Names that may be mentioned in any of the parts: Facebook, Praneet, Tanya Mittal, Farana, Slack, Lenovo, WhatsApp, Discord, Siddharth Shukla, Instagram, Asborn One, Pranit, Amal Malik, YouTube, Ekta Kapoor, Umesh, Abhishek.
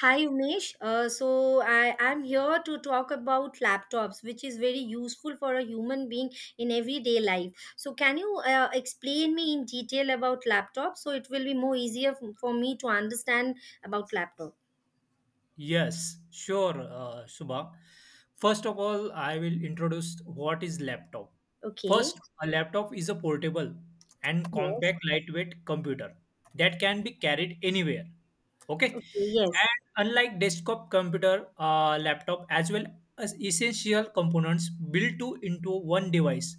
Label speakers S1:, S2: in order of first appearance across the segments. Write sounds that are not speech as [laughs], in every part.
S1: Hi Umesh. So I am here to talk about laptops, which is very useful for a human being in everyday life. So can you explain me in detail about laptops? So it will be more easier for me to understand about laptop.
S2: Yes, sure, Subha. First of all, I will introduce what is laptop. First,
S1: Okay.
S2: a laptop is a portable and
S1: Yes.
S2: compact lightweight computer that can be carried anywhere. Okay?
S1: Okay. Yes.
S2: And unlike desktop computer, laptop as well as essential components built to into one device,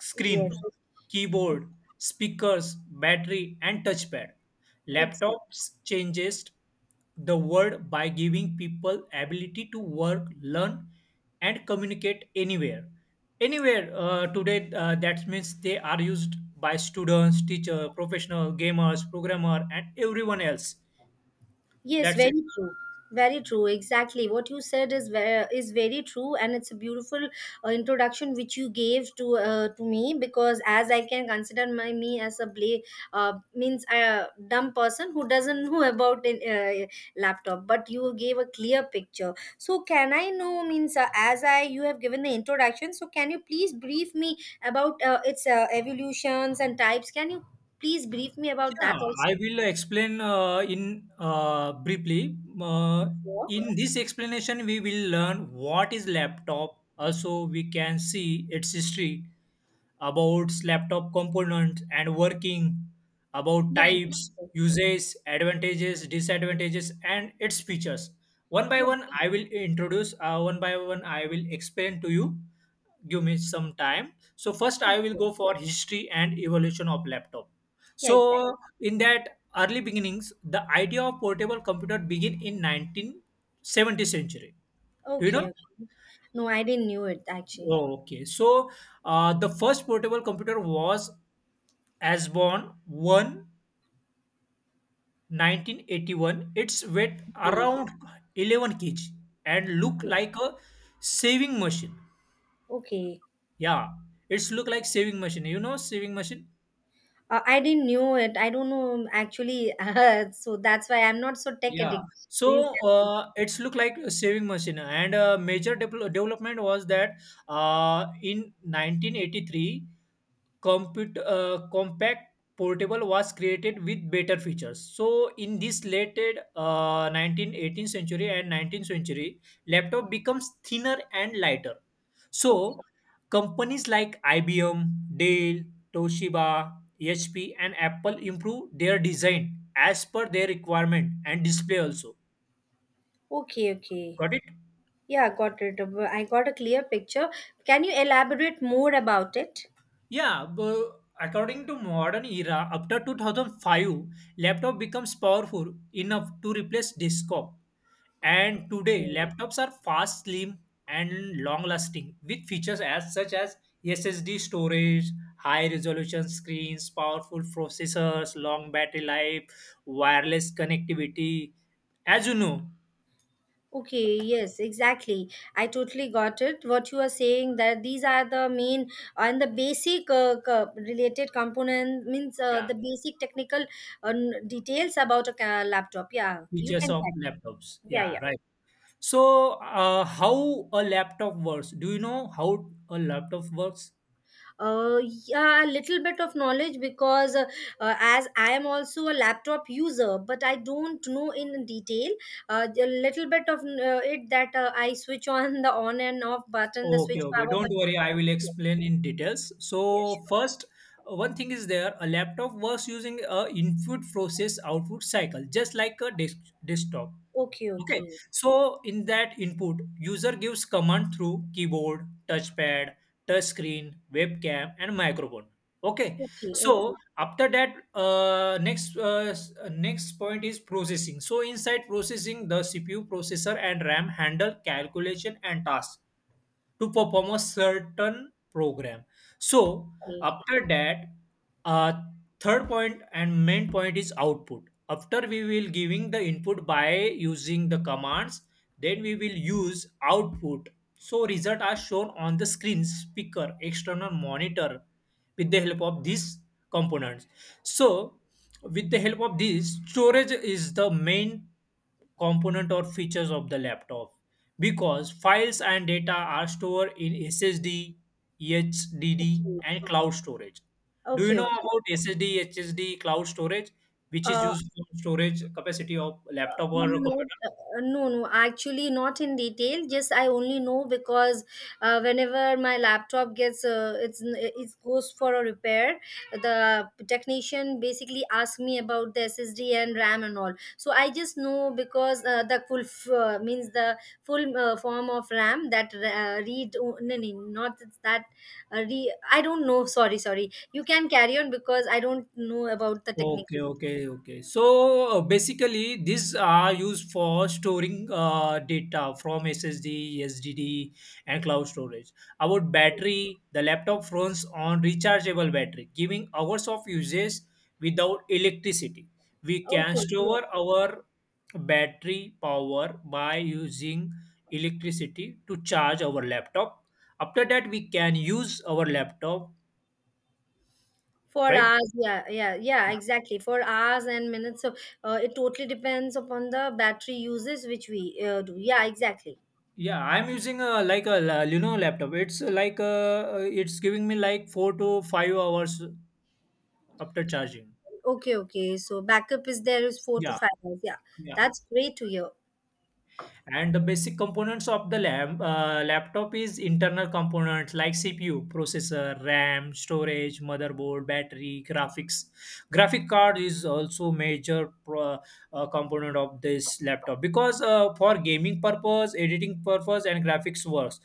S2: screen,
S1: Yes.
S2: keyboard, speakers, battery and touchpad.
S1: Exactly.
S2: Laptops changes the world by giving people ability to work, learn, and communicate anywhere. Anywhere today, that means they are used by students, teacher, professional, gamers, programmer, and everyone else.
S1: Yes,
S2: That's it.
S1: very true. Very true. Exactly. What you said is very true, and it's a beautiful introduction which you gave to me because as I can consider my me as a play means a dumb person who doesn't [laughs] know about an laptop, but you gave a clear picture. So can I know means as I you have given the introduction, so can you please brief me about its evolutions and types? Can you please brief me about that
S2: Yeah,
S1: also?
S2: I will explain in briefly.
S1: Sure.
S2: In this explanation, we will learn what is laptop. Also, we can see its history about laptop components and working, about types, uses, advantages, disadvantages, and its features. One by
S1: Yeah.
S2: one, I will introduce, one by one, I will explain to you. Give me some time. So, first, I will
S1: Okay.
S2: go for history and evolution of laptop.
S1: Yeah, exactly.
S2: So, in that early beginnings, the idea of portable computer began in 1970 century. Do you
S1: Okay,
S2: know?
S1: okay. No, I didn't knew it actually.
S2: Oh, okay. So, the first portable computer was Asborn One, 1981. Its weight
S1: Okay.
S2: around 11 kg and look like a saving machine.
S1: Okay.
S2: Yeah, it's look like saving machine. You know saving machine?
S1: I didn't knew it. I don't know actually. [laughs] So that's why I'm not so tech
S2: Yeah.
S1: addict. So you
S2: So
S1: can.
S2: it's look like a saving machine, and major development was that in 1983, compute compact portable was created with better features. So in this late 19th 18th century and 19th century, laptop becomes thinner and lighter.
S1: Okay.
S2: So companies like ibm, dell, toshiba, hp, and apple improve their design as per their requirement, and display also.
S1: Okay. Okay.
S2: Got it?
S1: Yeah, got it. I got a clear picture. Can you elaborate more about it?
S2: Yeah, according to modern era, after 2005, laptop becomes powerful enough to replace desktop. And today, laptops are fast, slim, and long-lasting, with features as such as SSD storage, high-resolution screens, powerful processors, long battery life, wireless connectivity. As you know,
S1: Okay, yes, exactly. I totally got it. What you are saying that these are the main and the basic related component means
S2: yeah,
S1: the basic technical uh, details about a laptop. Yeah, you
S2: features
S1: can.
S2: of laptops.
S1: Yeah,
S2: Yeah,
S1: yeah.
S2: right. So, how a laptop works? Do you know how a laptop works?
S1: Uh, yeah, a little bit of knowledge because as I am also a laptop user, but I don't know in detail. A little bit of it that I switch on the on and off button, the
S2: Okay,
S1: switch
S2: okay.
S1: power
S2: Don't
S1: button.
S2: worry, I will
S1: Yeah,
S2: explain in details.
S1: yeah,
S2: So
S1: sure.
S2: first, one thing is there, a laptop was using a input process output cycle, just like a desktop.
S1: Okay,
S2: Okay,
S1: okay.
S2: so in that input, user gives command through keyboard, touchpad, touchscreen, webcam, and microphone. Okay,
S1: Okay,
S2: so
S1: okay,
S2: after that, next point is processing. So inside processing, the CPU processor and RAM handle calculation and tasks to perform a certain program. So
S1: okay,
S2: after that, uh, third point and main point is output. After we will giving the input by using the commands, then we will use output. So result are shown on the screen, speaker, external monitor with the help of these components. So with the help of this, storage is the main component or features of the laptop because files and data are stored in SSD, HDD,
S1: okay,
S2: and cloud storage. Do you
S1: okay,
S2: know
S1: okay.
S2: about SSD, HSD, cloud storage, which is
S1: Uh,
S2: used for storage capacity of laptop or
S1: Not,
S2: computer?
S1: no, no, actually not in detail. Just I only know because whenever my laptop gets it goes for a repair, the technician basically asks me about the SSD and RAM and all. So I just know because the full means the full form of RAM that read no, no, not that re I don't know. Sorry, sorry. You can carry on because I don't know about the technical
S2: Okay,
S1: detail.
S2: okay, okay. So basically, these are used for storing data from SSD, SDD, and cloud storage. About battery, the laptop runs on rechargeable battery, giving hours of usage without electricity. We can
S1: Okay. Yes.
S2: store our battery power by using electricity to charge our laptop. After that, we can use our laptop,
S1: For
S2: right?
S1: hours, yeah, yeah, yeah, exactly. For hours and minutes. So it totally depends upon the battery uses which we do. Yeah, exactly.
S2: Yeah, I'm using a Lenovo laptop. It's giving me like 4 to 5 hours after charging.
S1: Okay, okay. So backup is there is four to
S2: Yeah,
S1: five hours. Yeah,
S2: yeah.
S1: that's great to hear.
S2: And the basic components of the laptop is internal components like CPU, processor, RAM, storage, motherboard, battery, graphics. Graphic card is also major component of this laptop because for gaming purpose, editing purpose, and graphics works.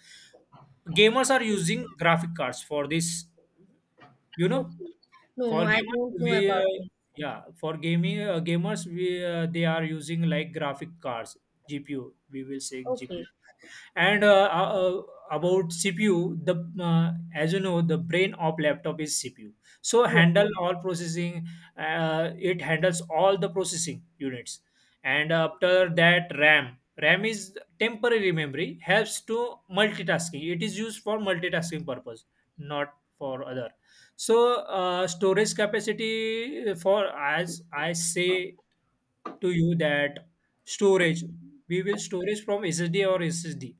S2: Gamers are using graphic cards for this, you know.
S1: Okay. No, no,
S2: For
S1: I
S2: gamers,
S1: don't know
S2: we
S1: about this.
S2: yeah, for gaming gamers, we they are using like graphic cards, GPU. We will say GPU.
S1: Okay.
S2: And about cpu, the as you know, the brain of laptop is cpu, so
S1: Yeah.
S2: handle all processing. It handles all the processing units. And after that, RAM is temporary memory, helps to multitasking. It is used for multitasking purpose, not for other. So storage capacity, for as I say to you that storage, we will storage from ssd or ssd.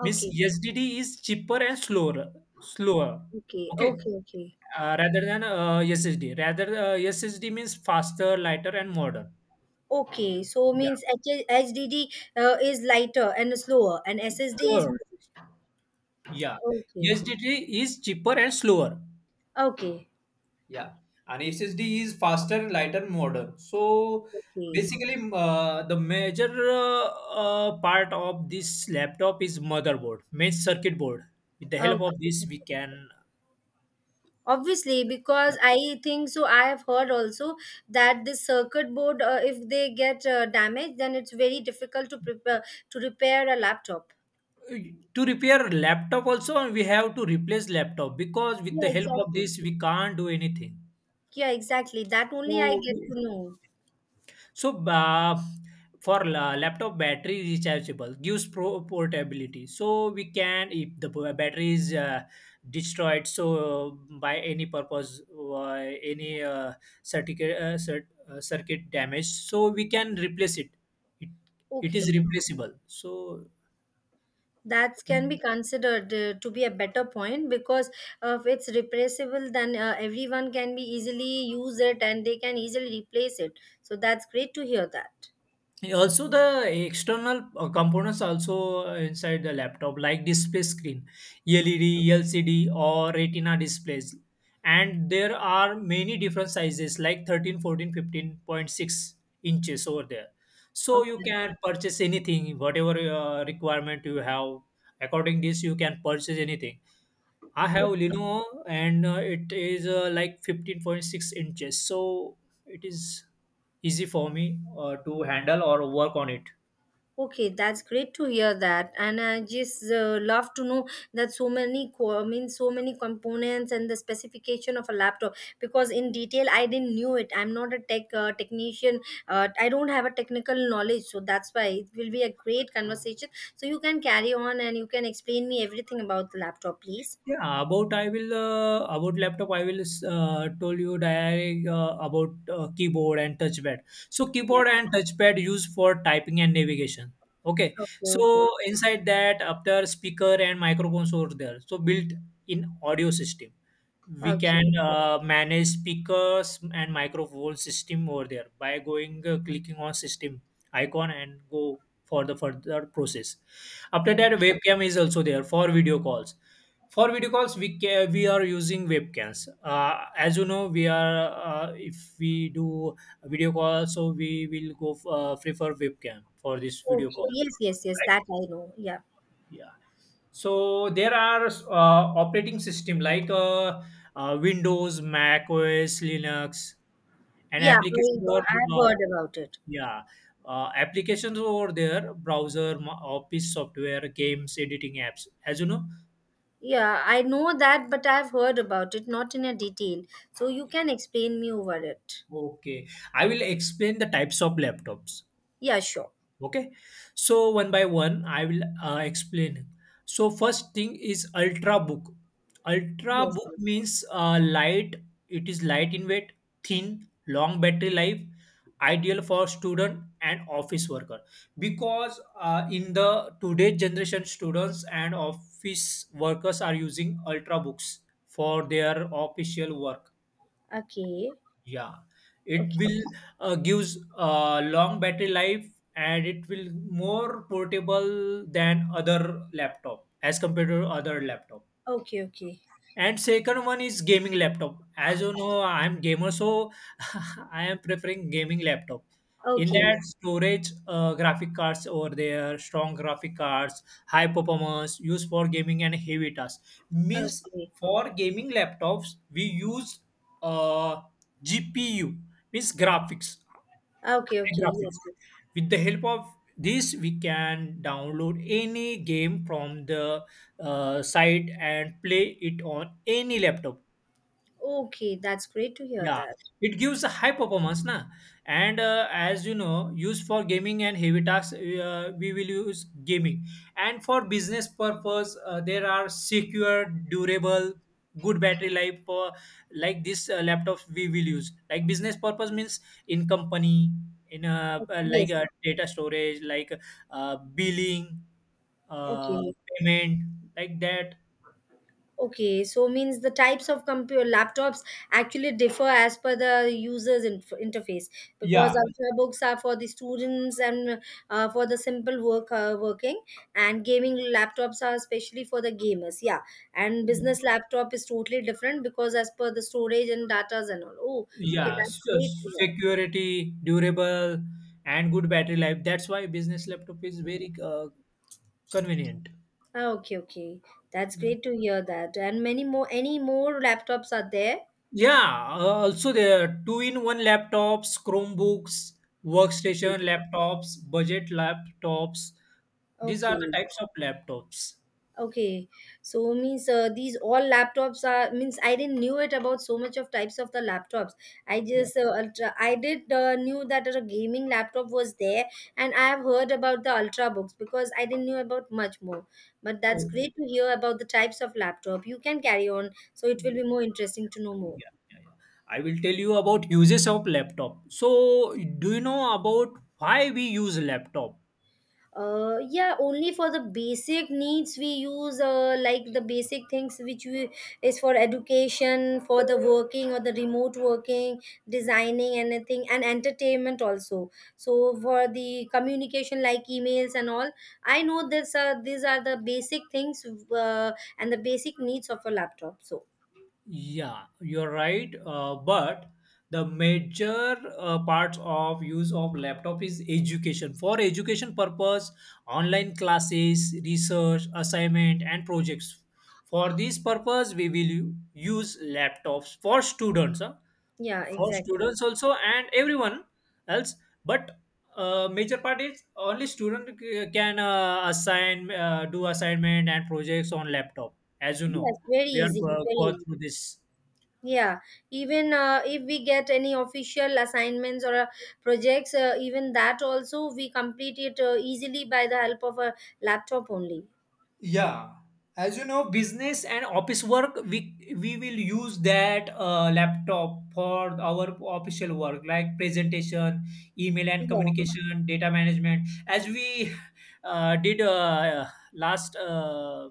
S2: Means SDD is cheaper and slower.
S1: Okay.
S2: Okay,
S1: Okay. Okay.
S2: rather than SSD. Rather, SSD means faster, lighter, and modern.
S1: Okay. So
S2: Yeah,
S1: means HDD is lighter and slower, and SSD is.
S2: sure. Yeah,
S1: Okay.
S2: SSD is cheaper and slower.
S1: Okay.
S2: Yeah, and SSD is faster, lighter, modern. So
S1: Okay.
S2: basically, the major part of this laptop is motherboard, main circuit board. With the help of
S1: Okay.
S2: this, we can.
S1: Obviously because I think so I have heard also that this circuit board if they get damaged, then it's very difficult to prepare to repair a laptop.
S2: To repair laptop, also we have to replace laptop because with
S1: Yeah,
S2: the help of
S1: exactly.
S2: this, we can't do anything.
S1: Yeah, exactly, that only I
S2: So
S1: get to know.
S2: so for laptop, battery rechargeable gives portability. So we can, if the battery is destroyed so by any purpose, any circuit damage, so we can replace it, it is
S1: Okay,
S2: replaceable. So
S1: that can be considered to be a better point because if it's replaceable, then everyone can be easily use it and they can easily replace it, so that's great to hear that.
S2: also, the external components also inside the laptop, like display screen, LED, LCD, or Retina displays. And there are many different sizes like 13, 14, 15.6 inches over there. So you
S1: Okay.
S2: can purchase anything, whatever requirement you have. According this, you can purchase anything. I have Lenovo, and it is like 15.6 inches, so it is easy for me to handle or work on it.
S1: Okay, that's great to hear that, and I just love to know that so many I mean so many components and the specification of a laptop because in detail I didn't knew it. I'm not a tech technician. I don't have a technical knowledge, so that's why it will be a great conversation. So you can carry on and you can explain me everything about the laptop, please.
S2: Yeah, about laptop, I will tell you direct about keyboard and touchpad. So
S1: Yeah.
S2: keyboard and touchpad used for typing and navigation. Okay,
S1: Okay. Okay.
S2: so inside that, after speaker and microphones over there, so built in audio system. We
S1: Okay.
S2: can manage speakers and microphone system over there by going clicking on system icon and go for the further process. After that, webcam is also there for video calls. For video calls, we are using webcams, as you know. We are If we do a video call, so we will prefer webcam for this video
S1: Okay.
S2: call,
S1: Yes. Yes. Yes. That
S2: right?
S1: I know. Yeah.
S2: Yeah. So there are operating system like Windows, Mac OS, Linux, and
S1: Yeah.
S2: applications, or
S1: I've heard about it.
S2: yeah, applications over there, browser, office software, games, editing apps. As you know,
S1: Yeah, I know that, but I've heard about it, not in a detail. So you can explain me over it.
S2: okay, I will explain the types of laptops.
S1: Yeah, sure.
S2: Okay, so one by one, I will explain. So first thing is ultra book. Ultra
S1: Yes,
S2: book
S1: yes.
S2: means light. It is light in weight, thin, long battery life, ideal for student and office worker. Because in the today generation, students and office workers are using ultra books for their official work.
S1: Okay.
S2: Yeah, it
S1: Okay.
S2: will gives a long battery life, and it will more portable than other laptop as compared to other laptop.
S1: Okay, okay.
S2: And second one is gaming laptop. As you know, I'm gamer, so [laughs] I am preferring gaming laptop. In
S1: Okay.
S2: that storage, graphic cards over there, strong graphic cards, high performance, used for gaming and heavy tasks. Means
S1: Okay.
S2: for gaming laptops, we use uh, GPU, means graphics.
S1: Okay,
S2: High
S1: okay.
S2: graphics.
S1: Yes, yes.
S2: With the help of this, we can download any game from the site and play it on any laptop.
S1: Okay, that's great to hear
S2: Yeah,
S1: that.
S2: it gives a high performance, na. And as you know, used for gaming and heavy tasks, we will use gaming. And for business purpose, there are secure, durable, good battery life for like this laptops we will use. Like business purpose means in company, in
S1: Okay,
S2: like
S1: yes, yes.
S2: data storage, like billing, uh,
S1: Okay.
S2: payment, like that.
S1: Okay, so means the types of computer laptops actually differ as per the user's interface because
S2: Yeah.
S1: ultrabooks are for the students and for the simple work working, and gaming laptops are especially for the gamers. Yeah, and
S2: Yeah.
S1: business laptop is totally different because as per the storage and datas and all. Oh, okay,
S2: Yeah,
S1: that's great to hear.
S2: security, durable, and good battery life. That's why business laptop is very convenient.
S1: Ah, okay, okay, that's
S2: Yeah.
S1: great to hear that. And many more, any more laptops are there?
S2: Yeah, also there are two-in-one laptops, Chromebooks, workstation
S1: Okay.
S2: laptops, budget laptops. These are the
S1: Okay.
S2: types of laptops.
S1: Okay, so means these all laptops are means I didn't knew it about so much of types of the laptops. I
S2: Yeah.
S1: just ultra, I did knew that a gaming laptop was there, and I have heard about the ultrabooks because I didn't knew about much more. But that's great to
S2: Okay.
S1: hear about the types of laptop. You can carry on, so it will
S2: Yeah,
S1: be more interesting to know more.
S2: yeah, yeah, yeah. I will tell you about uses of laptop. So, do you know about why we use laptop?
S1: Yeah, only for the basic needs we use like the basic things which we is for education, for the working or the remote working, designing anything, and entertainment also. So for the communication like emails and all, I know this, these are the basic things, uh, and the basic needs of a laptop. So
S2: Yeah, you're right. But the major parts of use of laptop is education. For education purpose, online classes, research, assignment, and projects. For this purpose, we will use laptops for students, huh?
S1: yeah,
S2: For
S1: exactly.
S2: students also, and everyone else. But major part is only student can do assignment and projects on laptop. As you know,
S1: Yes, very
S2: we are
S1: easy, very
S2: going
S1: easy.
S2: through this.
S1: Yeah, even if we get any official assignments or projects, even that also we complete it easily by the help of a laptop only.
S2: Yeah, as you know, business and office work, we will use that laptop for our official work, like presentation, email and
S1: Yeah,
S2: communication, data management. As we [laughs] did last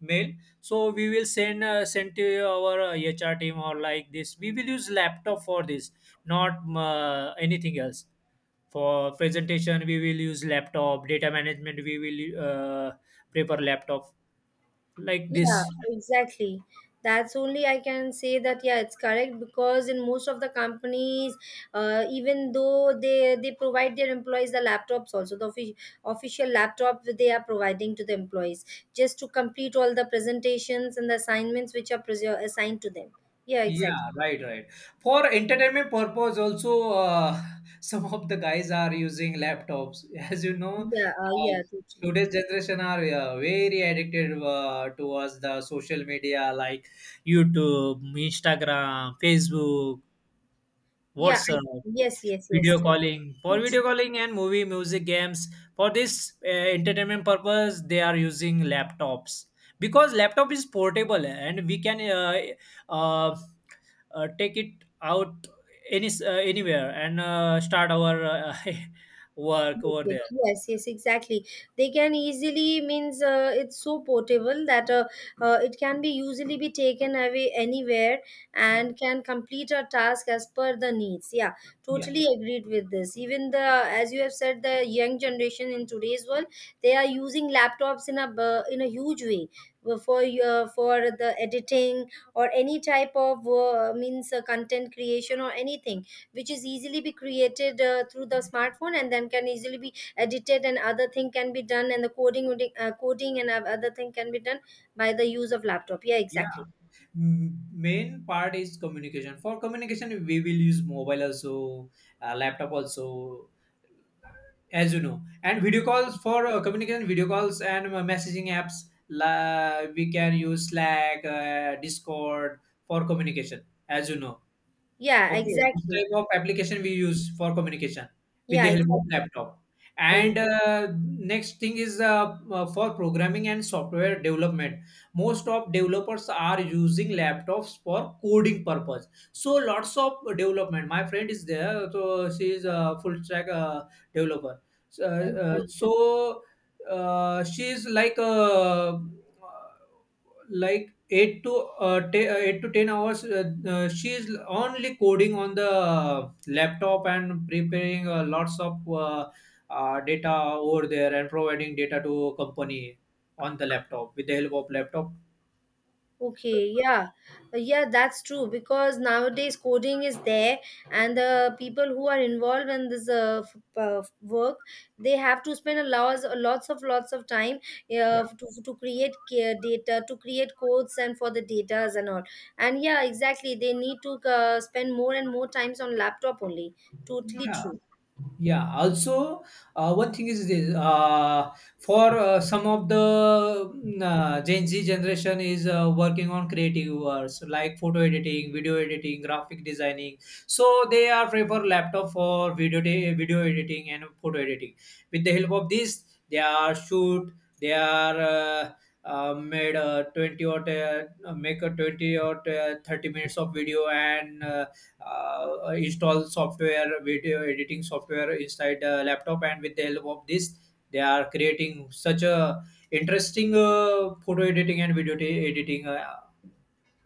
S2: mail, so we will send to our HR team or like this. We will use laptop for this, not anything else. For presentation, we will use laptop. Data management, we will uh, prepare laptop, like
S1: yeah,
S2: this.
S1: exactly. That's only I can say that yeah, it's correct because in most of the companies, even though they provide their employees the laptops, also the official laptop they are providing to the employees just to complete all the presentations and the assignments which are assigned to them. Yeah, exactly.
S2: Yeah, right, right. For entertainment purpose, also uh, [laughs] some of the guys are using laptops. [laughs] As you know,
S1: Yeah,
S2: uh,
S1: yeah, totally.
S2: today's generation are very addicted towards the social media like YouTube, Instagram, Facebook,
S1: Yeah,
S2: WhatsApp.
S1: yes, yes, yes,
S2: Video
S1: too,
S2: calling. For video
S1: too.
S2: calling and movie, music, games, for this entertainment purpose, they are using laptops because laptop is portable and we can uh, take it out anywhere and start our [laughs] work over
S1: Muted.
S2: there.
S1: Yes, yes, exactly. They can easily means it's so portable that it can be easily be taken away anywhere
S2: Yeah,
S1: and can complete a task as per the needs. Yeah,
S2: yeah,
S1: totally agreed with this. Even the as you have said, the young generation in today's world, they are using laptops in a in a huge way for the editing or any type of means content creation or anything which is easily be created through the smartphone and then can easily be edited and other thing can be done, and the coding would coding and other thing can be done by the use of laptop. Yeah,
S2: yeah.
S1: exactly.
S2: Main part is communication. For communication, we will use mobile also, laptop also, as you know. And video calls for communication video calls and messaging apps, la we can use Slack, Discord for communication, as you know.
S1: Yeah,
S2: Okay, this
S1: exactly.
S2: type of application we use for communication with
S1: Yeah,
S2: the help
S1: exactly.
S2: of laptop.
S1: Very-
S2: And next thing is for programming and software development. Most of developers are using laptops for coding purpose. So lots of development. My friend is there, so she is a full stack developer. So,
S1: thank
S2: uh,
S1: you.
S2: so uh, she is like 8 to 10 hours, she is only coding on the laptop and preparing lots of data over there and providing data to company on the laptop with the help of laptop,
S1: Okay, yeah. Yeah, that's true because nowadays coding is there, and the people who are involved in this work, they have to spend a lots of time to create data, to create codes, and for the datas and all. And yeah, exactly, they need to spend more and more times on laptop only. Totally
S2: yeah.
S1: true.
S2: Yeah. Also, one thing is this: for some of the Gen Z generation is working on creative works like photo editing, video editing, graphic designing. So they are prefer laptop for video editing and photo editing. With the help of this, they are shoot. They are made twenty or make a 20 or 30 minutes of video. And install software, video editing software inside the laptop, and with the help of this, they are creating such a interesting photo editing and video editing.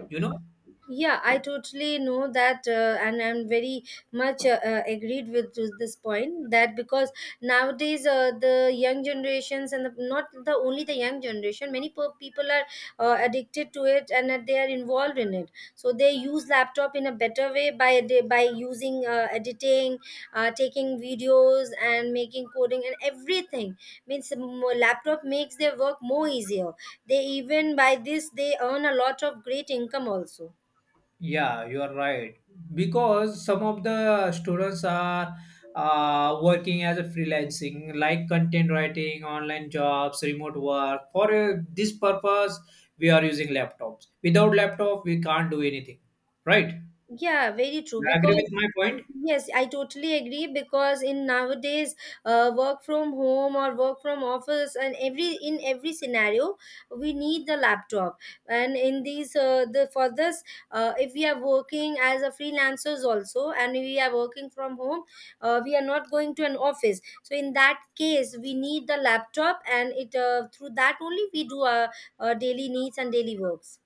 S2: you know,
S1: Yeah, I totally know that, and I'm very much agreed with to this point that because nowadays the young generations and not the only the young generation, many people are addicted to it and that they are involved in it. So they use laptop in a better way by using editing, taking videos, and making coding and everything. Means laptop makes their work more easier. They even by this they earn a lot of great income also.
S2: yeah, you are right because some of the students are working as a freelancing, like content writing, online jobs, remote work. For this purpose, we are using laptops. Without laptop, we can't do anything. Right?
S1: Yeah, very true.
S2: You agree
S1: Because
S2: with my point?
S1: yes, I totally agree. Because in nowadays, work from home or work from office, and every scenario, we need the laptop. And in these, the for this, if we are working as a freelancers also, and we are working from home, we are not going to an office. So in that case, we need the laptop, and it through that only we do our daily needs and daily works.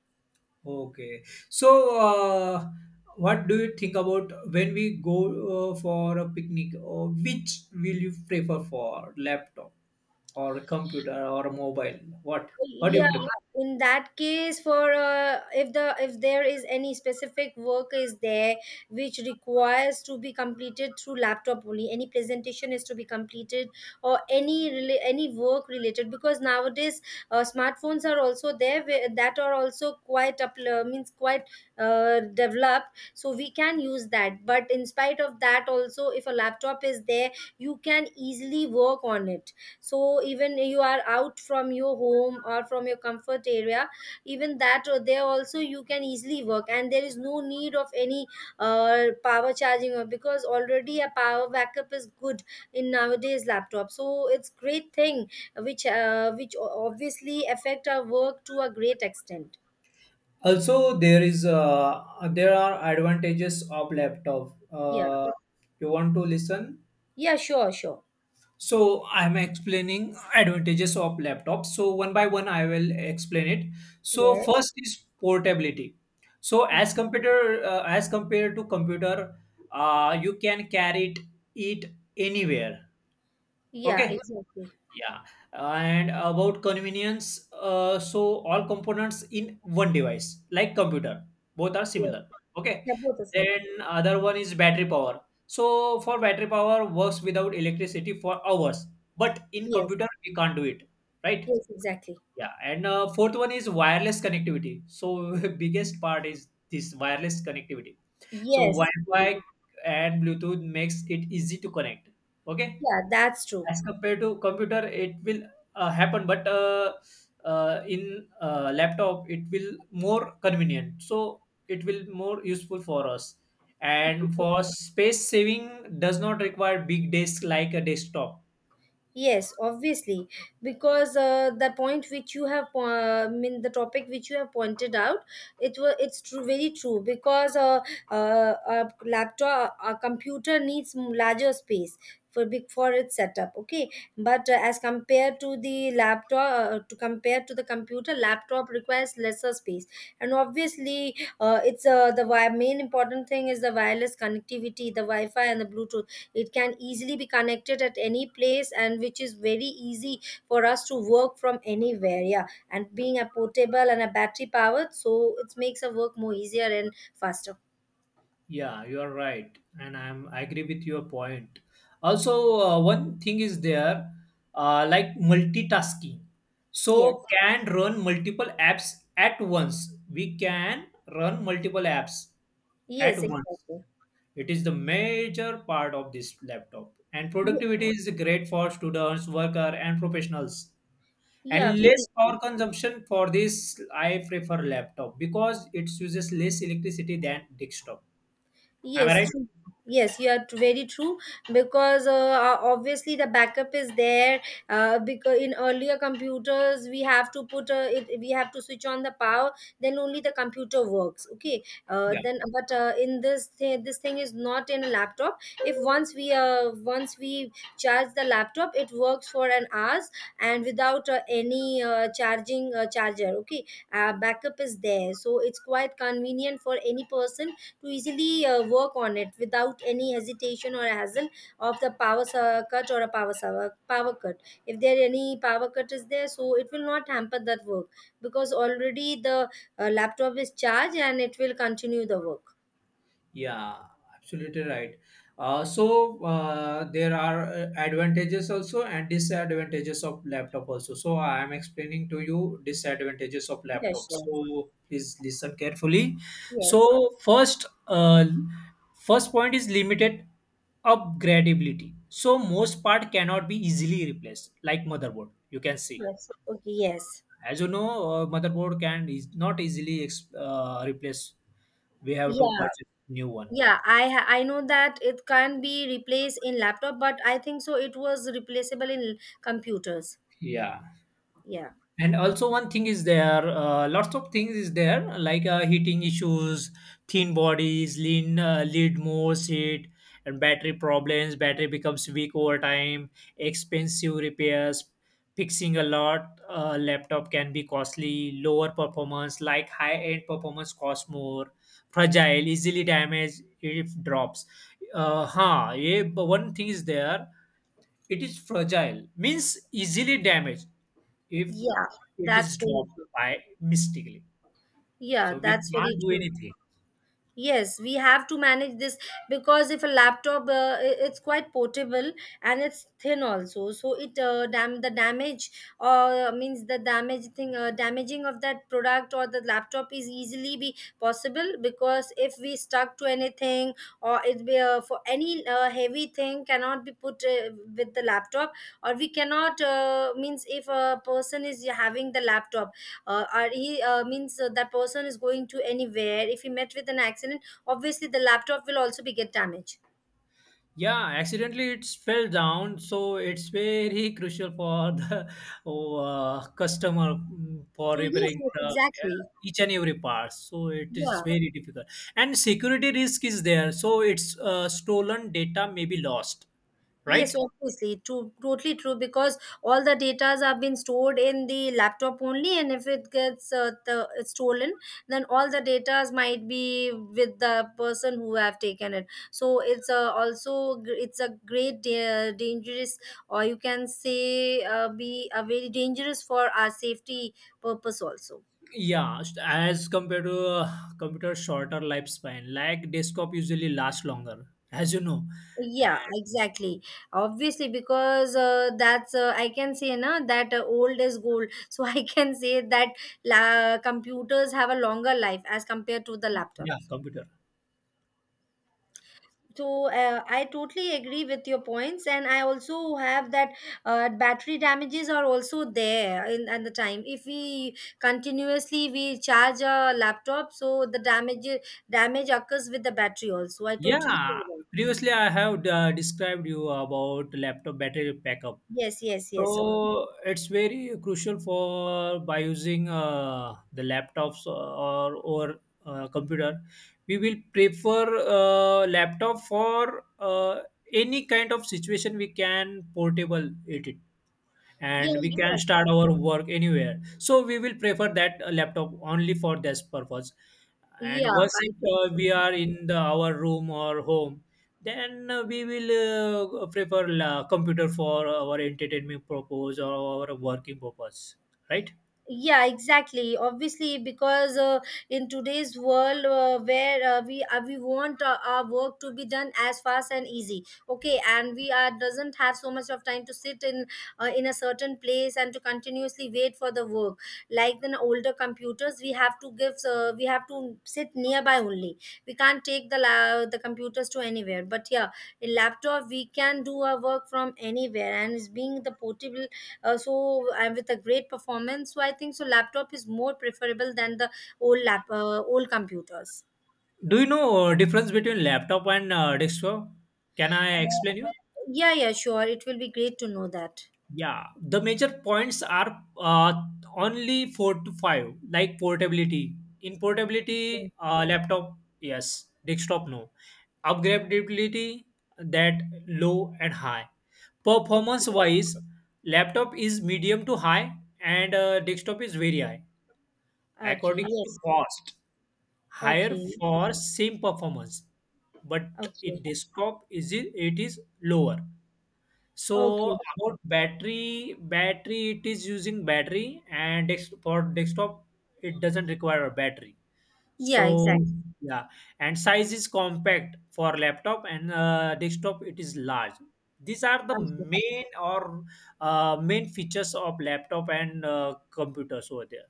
S2: Okay. So, what do you think about when we go for a picnic? Or which will you prefer for laptop or computer or mobile? What do
S1: Yeah,
S2: you prefer?
S1: in that case, for if the if there is any specific work is there which requires to be completed through laptop only, any presentation is to be completed or any any work related because nowadays smartphones are also there that are also quite up means quite developed, so we can use that. But in spite of that, also if a laptop is there, you can easily work on it, so even you are out from your home or from your comfort area, even that, there also you can easily work, and there is no need of any power charging, or because already a power backup is good in nowadays laptop, so it's great thing which obviously affect our work to a great extent.
S2: Also, there is There are advantages of laptop.
S1: Yeah
S2: You want to listen?
S1: yeah. Sure.
S2: So I'm explaining advantages of laptops. So one by one, I will explain it. So
S1: Yes.
S2: first is portability. So as compared to computer, you can carry it anywhere.
S1: Yeah,
S2: Okay,
S1: exactly.
S2: yeah, and about convenience, so all components in one device, like computer, both are
S1: Yes.
S2: similar. Okay,
S1: Yeah, both of them.
S2: then other one is battery power. So for battery power works without electricity for hours, but in
S1: Yes.
S2: computer we can't do it, right?
S1: Yes, exactly.
S2: Yeah, and fourth one is wireless connectivity. So [laughs] biggest part is this wireless connectivity. So
S1: Yes.
S2: Wi-Fi and Bluetooth makes it easy to connect. Okay,
S1: Yeah, that's true.
S2: as compared to computer it will happen, but in laptop it will more convenient, so it will more useful for us, and for space saving does not require big disk like a desktop.
S1: Yes, obviously, because the point which you have, I mean, the topic which you have pointed out, it's true, very true. Because a laptop, a computer needs larger space for big for its setup. Okay, but as compared to the laptop, to compare to the computer, laptop requires lesser space, and obviously, it's the main important thing is the wireless connectivity, the Wi-Fi, and the Bluetooth. It can easily be connected at any place, and which is very easy for us to work from anywhere. Yeah, and being a portable and a battery powered, so it makes our work more easier and faster.
S2: Yeah, you are right, and I agree with your point. Also, one thing is there, like multitasking. So
S1: Yes.
S2: can run multiple apps at once. We can run multiple apps at
S1: Yes,
S2: once.
S1: exactly.
S2: It is the major part of this laptop, and
S1: Ye-
S2: productivity is great for students, worker, and professionals.
S1: yeah,
S2: And less
S1: very.
S2: power consumption for this, I prefer laptop because it uses less electricity than desktop. Am I
S1: Yes,
S2: right?
S1: true. Yes, you are very true. Because obviously the backup is there. Because in earlier computers we have to put it, we have to switch on the power, then only the computer works. Okay,
S2: Yeah.
S1: then but in this this thing is not in a laptop. If once we charge the laptop, it works for an hours and without any charging charger. Okay, backup is there, so it's quite convenient for any person to easily work on it without any hesitation or hassle of the power su- cut or a power su- power cut. If there any power cut is there, so it will not hamper that work, because already the laptop is charged and it will continue the work.
S2: Yeah, absolutely right. There are advantages also and disadvantages of laptop also. So I am explaining to you disadvantages of
S1: Yeah,
S2: laptop.
S1: sure.
S2: So please listen carefully.
S1: Yes.
S2: So first point is limited upgradability. So most part cannot be easily replaced, like motherboard. You can see,
S1: Yes. Okay. Yes.
S2: as you know, motherboard can is not easily replace. We have to
S1: Yeah.
S2: purchase new one,
S1: Yeah, I know that it can't be replaced in laptop, but I think so it was replaceable in computers.
S2: yeah.
S1: Yeah.
S2: And also one thing is there, lots of things is there, like heating issues, thin bodies lean lead more seat, and battery problems, battery becomes weak over time, expensive repairs, fixing a lot laptop can be costly, lower performance like high end performance cost more, fragile, easily damaged if drops. Uh huh, yeah, but one thing is there, it is fragile, means easily damaged if
S1: Yeah,
S2: it is
S1: that's very
S2: dropped
S1: true.
S2: by mistakenly.
S1: Yeah,
S2: So we
S1: that's very
S2: can't do
S1: true.
S2: anything.
S1: Yes, we have to manage this because if a laptop, it's quite portable and it's thin also. So it dam the damage means the damage thing damaging of that product or the laptop is easily be possible, because if we stuck to anything or it be for any heavy thing cannot be put with the laptop, or we cannot means if a person is having the laptop, or he means that person is going to anywhere, if he met with an accident, obviously the laptop will also be get damaged.
S2: Yeah, accidentally it fell down, so it's very crucial for the [laughs] customer, for
S1: So yes.
S2: repairing
S1: Yes,
S2: the,
S1: exactly.
S2: each and every part. So it is
S1: Yeah.
S2: very difficult, and security risk is there. So it's stolen data may be lost,
S1: Yes,
S2: right?
S1: obviously, true, totally true. Because all the datas have been stored in the laptop only, and if it gets stolen, then all the datas might be with the person who have taken it. So it's a also it's a great dangerous, or you can say, be a very dangerous for our safety purpose also.
S2: Yeah, as compared to computer, shorter lifespan, like desktop usually lasts longer, [laughs] as you know. And
S1: Yeah, exactly. Obviously, because that's I can say na that old is gold. [laughs] So I can say that computers have a longer life as compared to the
S2: yeah,
S1: laptops.
S2: computer.
S1: So I totally agree with your points, and I also have that battery damages are also there in at the time. If we continuously we charge a laptop, so the damage occurs with the battery also. I totally
S2: Yeah,
S1: agree.
S2: previously I have described you about laptop battery backup.
S1: Yes, yes, yes.
S2: So it's very crucial for by using the laptops or computer. We will prefer laptop for any kind of situation, we can portable it,
S1: Yeah,
S2: and we can start
S1: exactly.
S2: our work anywhere. So we will prefer that laptop only for this purpose.
S1: Yeah,
S2: And once
S1: I
S2: it,
S1: totally.
S2: we are in the, our room or home, then we will prefer computer for our entertainment purpose or our working purpose, right?
S1: Yeah, exactly. Obviously, because in today's world, where we want our work to be done as fast and easy, okay, and we are doesn't have so much of time to sit in a certain place and to continuously wait for the work. Like in older computers, we have to give we have to sit nearby only. We can't take the the computers to anywhere. But yeah, in laptop we can do our work from anywhere, and it's being the portable, so and with a great performance. So I think so laptop is more preferable than the old computers.
S2: Do you know difference between laptop and desktop? Can I
S1: Uh,
S2: explain you?
S1: yeah. Sure, it will be great to know that.
S2: Yeah, the major points are only four to five, like portability. In
S1: Okay.
S2: portability, laptop, yes. Desktop, no. Upgradability, that low and high. Performance
S1: Okay.
S2: wise, laptop is medium to high, and desktop is very high.
S1: Okay.
S2: According to
S1: Yes.
S2: cost, higher
S1: Okay.
S2: for same performance, but in
S1: Okay.
S2: desktop, is it it is lower. So
S1: Okay.
S2: about battery, battery it is using battery, and for desktop it doesn't require a battery.
S1: Yeah,
S2: So
S1: exactly.
S2: yeah, and size is compact for laptop, and desktop it is large. These are the
S1: Okay.
S2: main features of laptop and computers over there.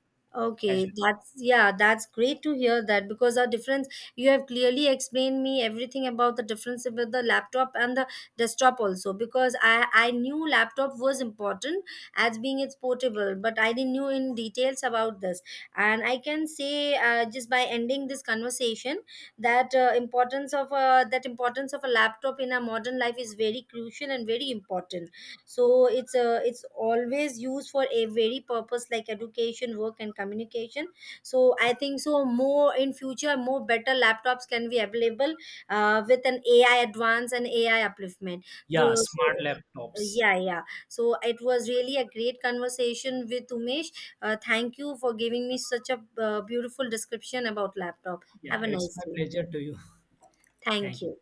S2: As you,
S1: Okay, that's, yeah, that's great to hear that, because our difference, you have clearly explained me everything about the difference with the laptop and the desktop also. Because I knew laptop was important as being it's portable, but I didn't knew in details about this. And I can say, just by ending this conversation, that importance of that importance of a laptop in our modern life is very crucial and very important. So it's, it's always used for a very purpose like education, work and communication. So I think so more in future more better laptops can be available, with an AI advance and AI upliftment.
S2: yeah,
S1: So
S2: smart laptops.
S1: yeah. Yeah, so it was really a great conversation with Umesh. Thank you for giving me such a beautiful description about laptop. Have
S2: Yeah,
S1: a
S2: it's
S1: nice
S2: my
S1: day.
S2: pleasure to you. [laughs]
S1: Thank
S2: Thank you.
S1: you.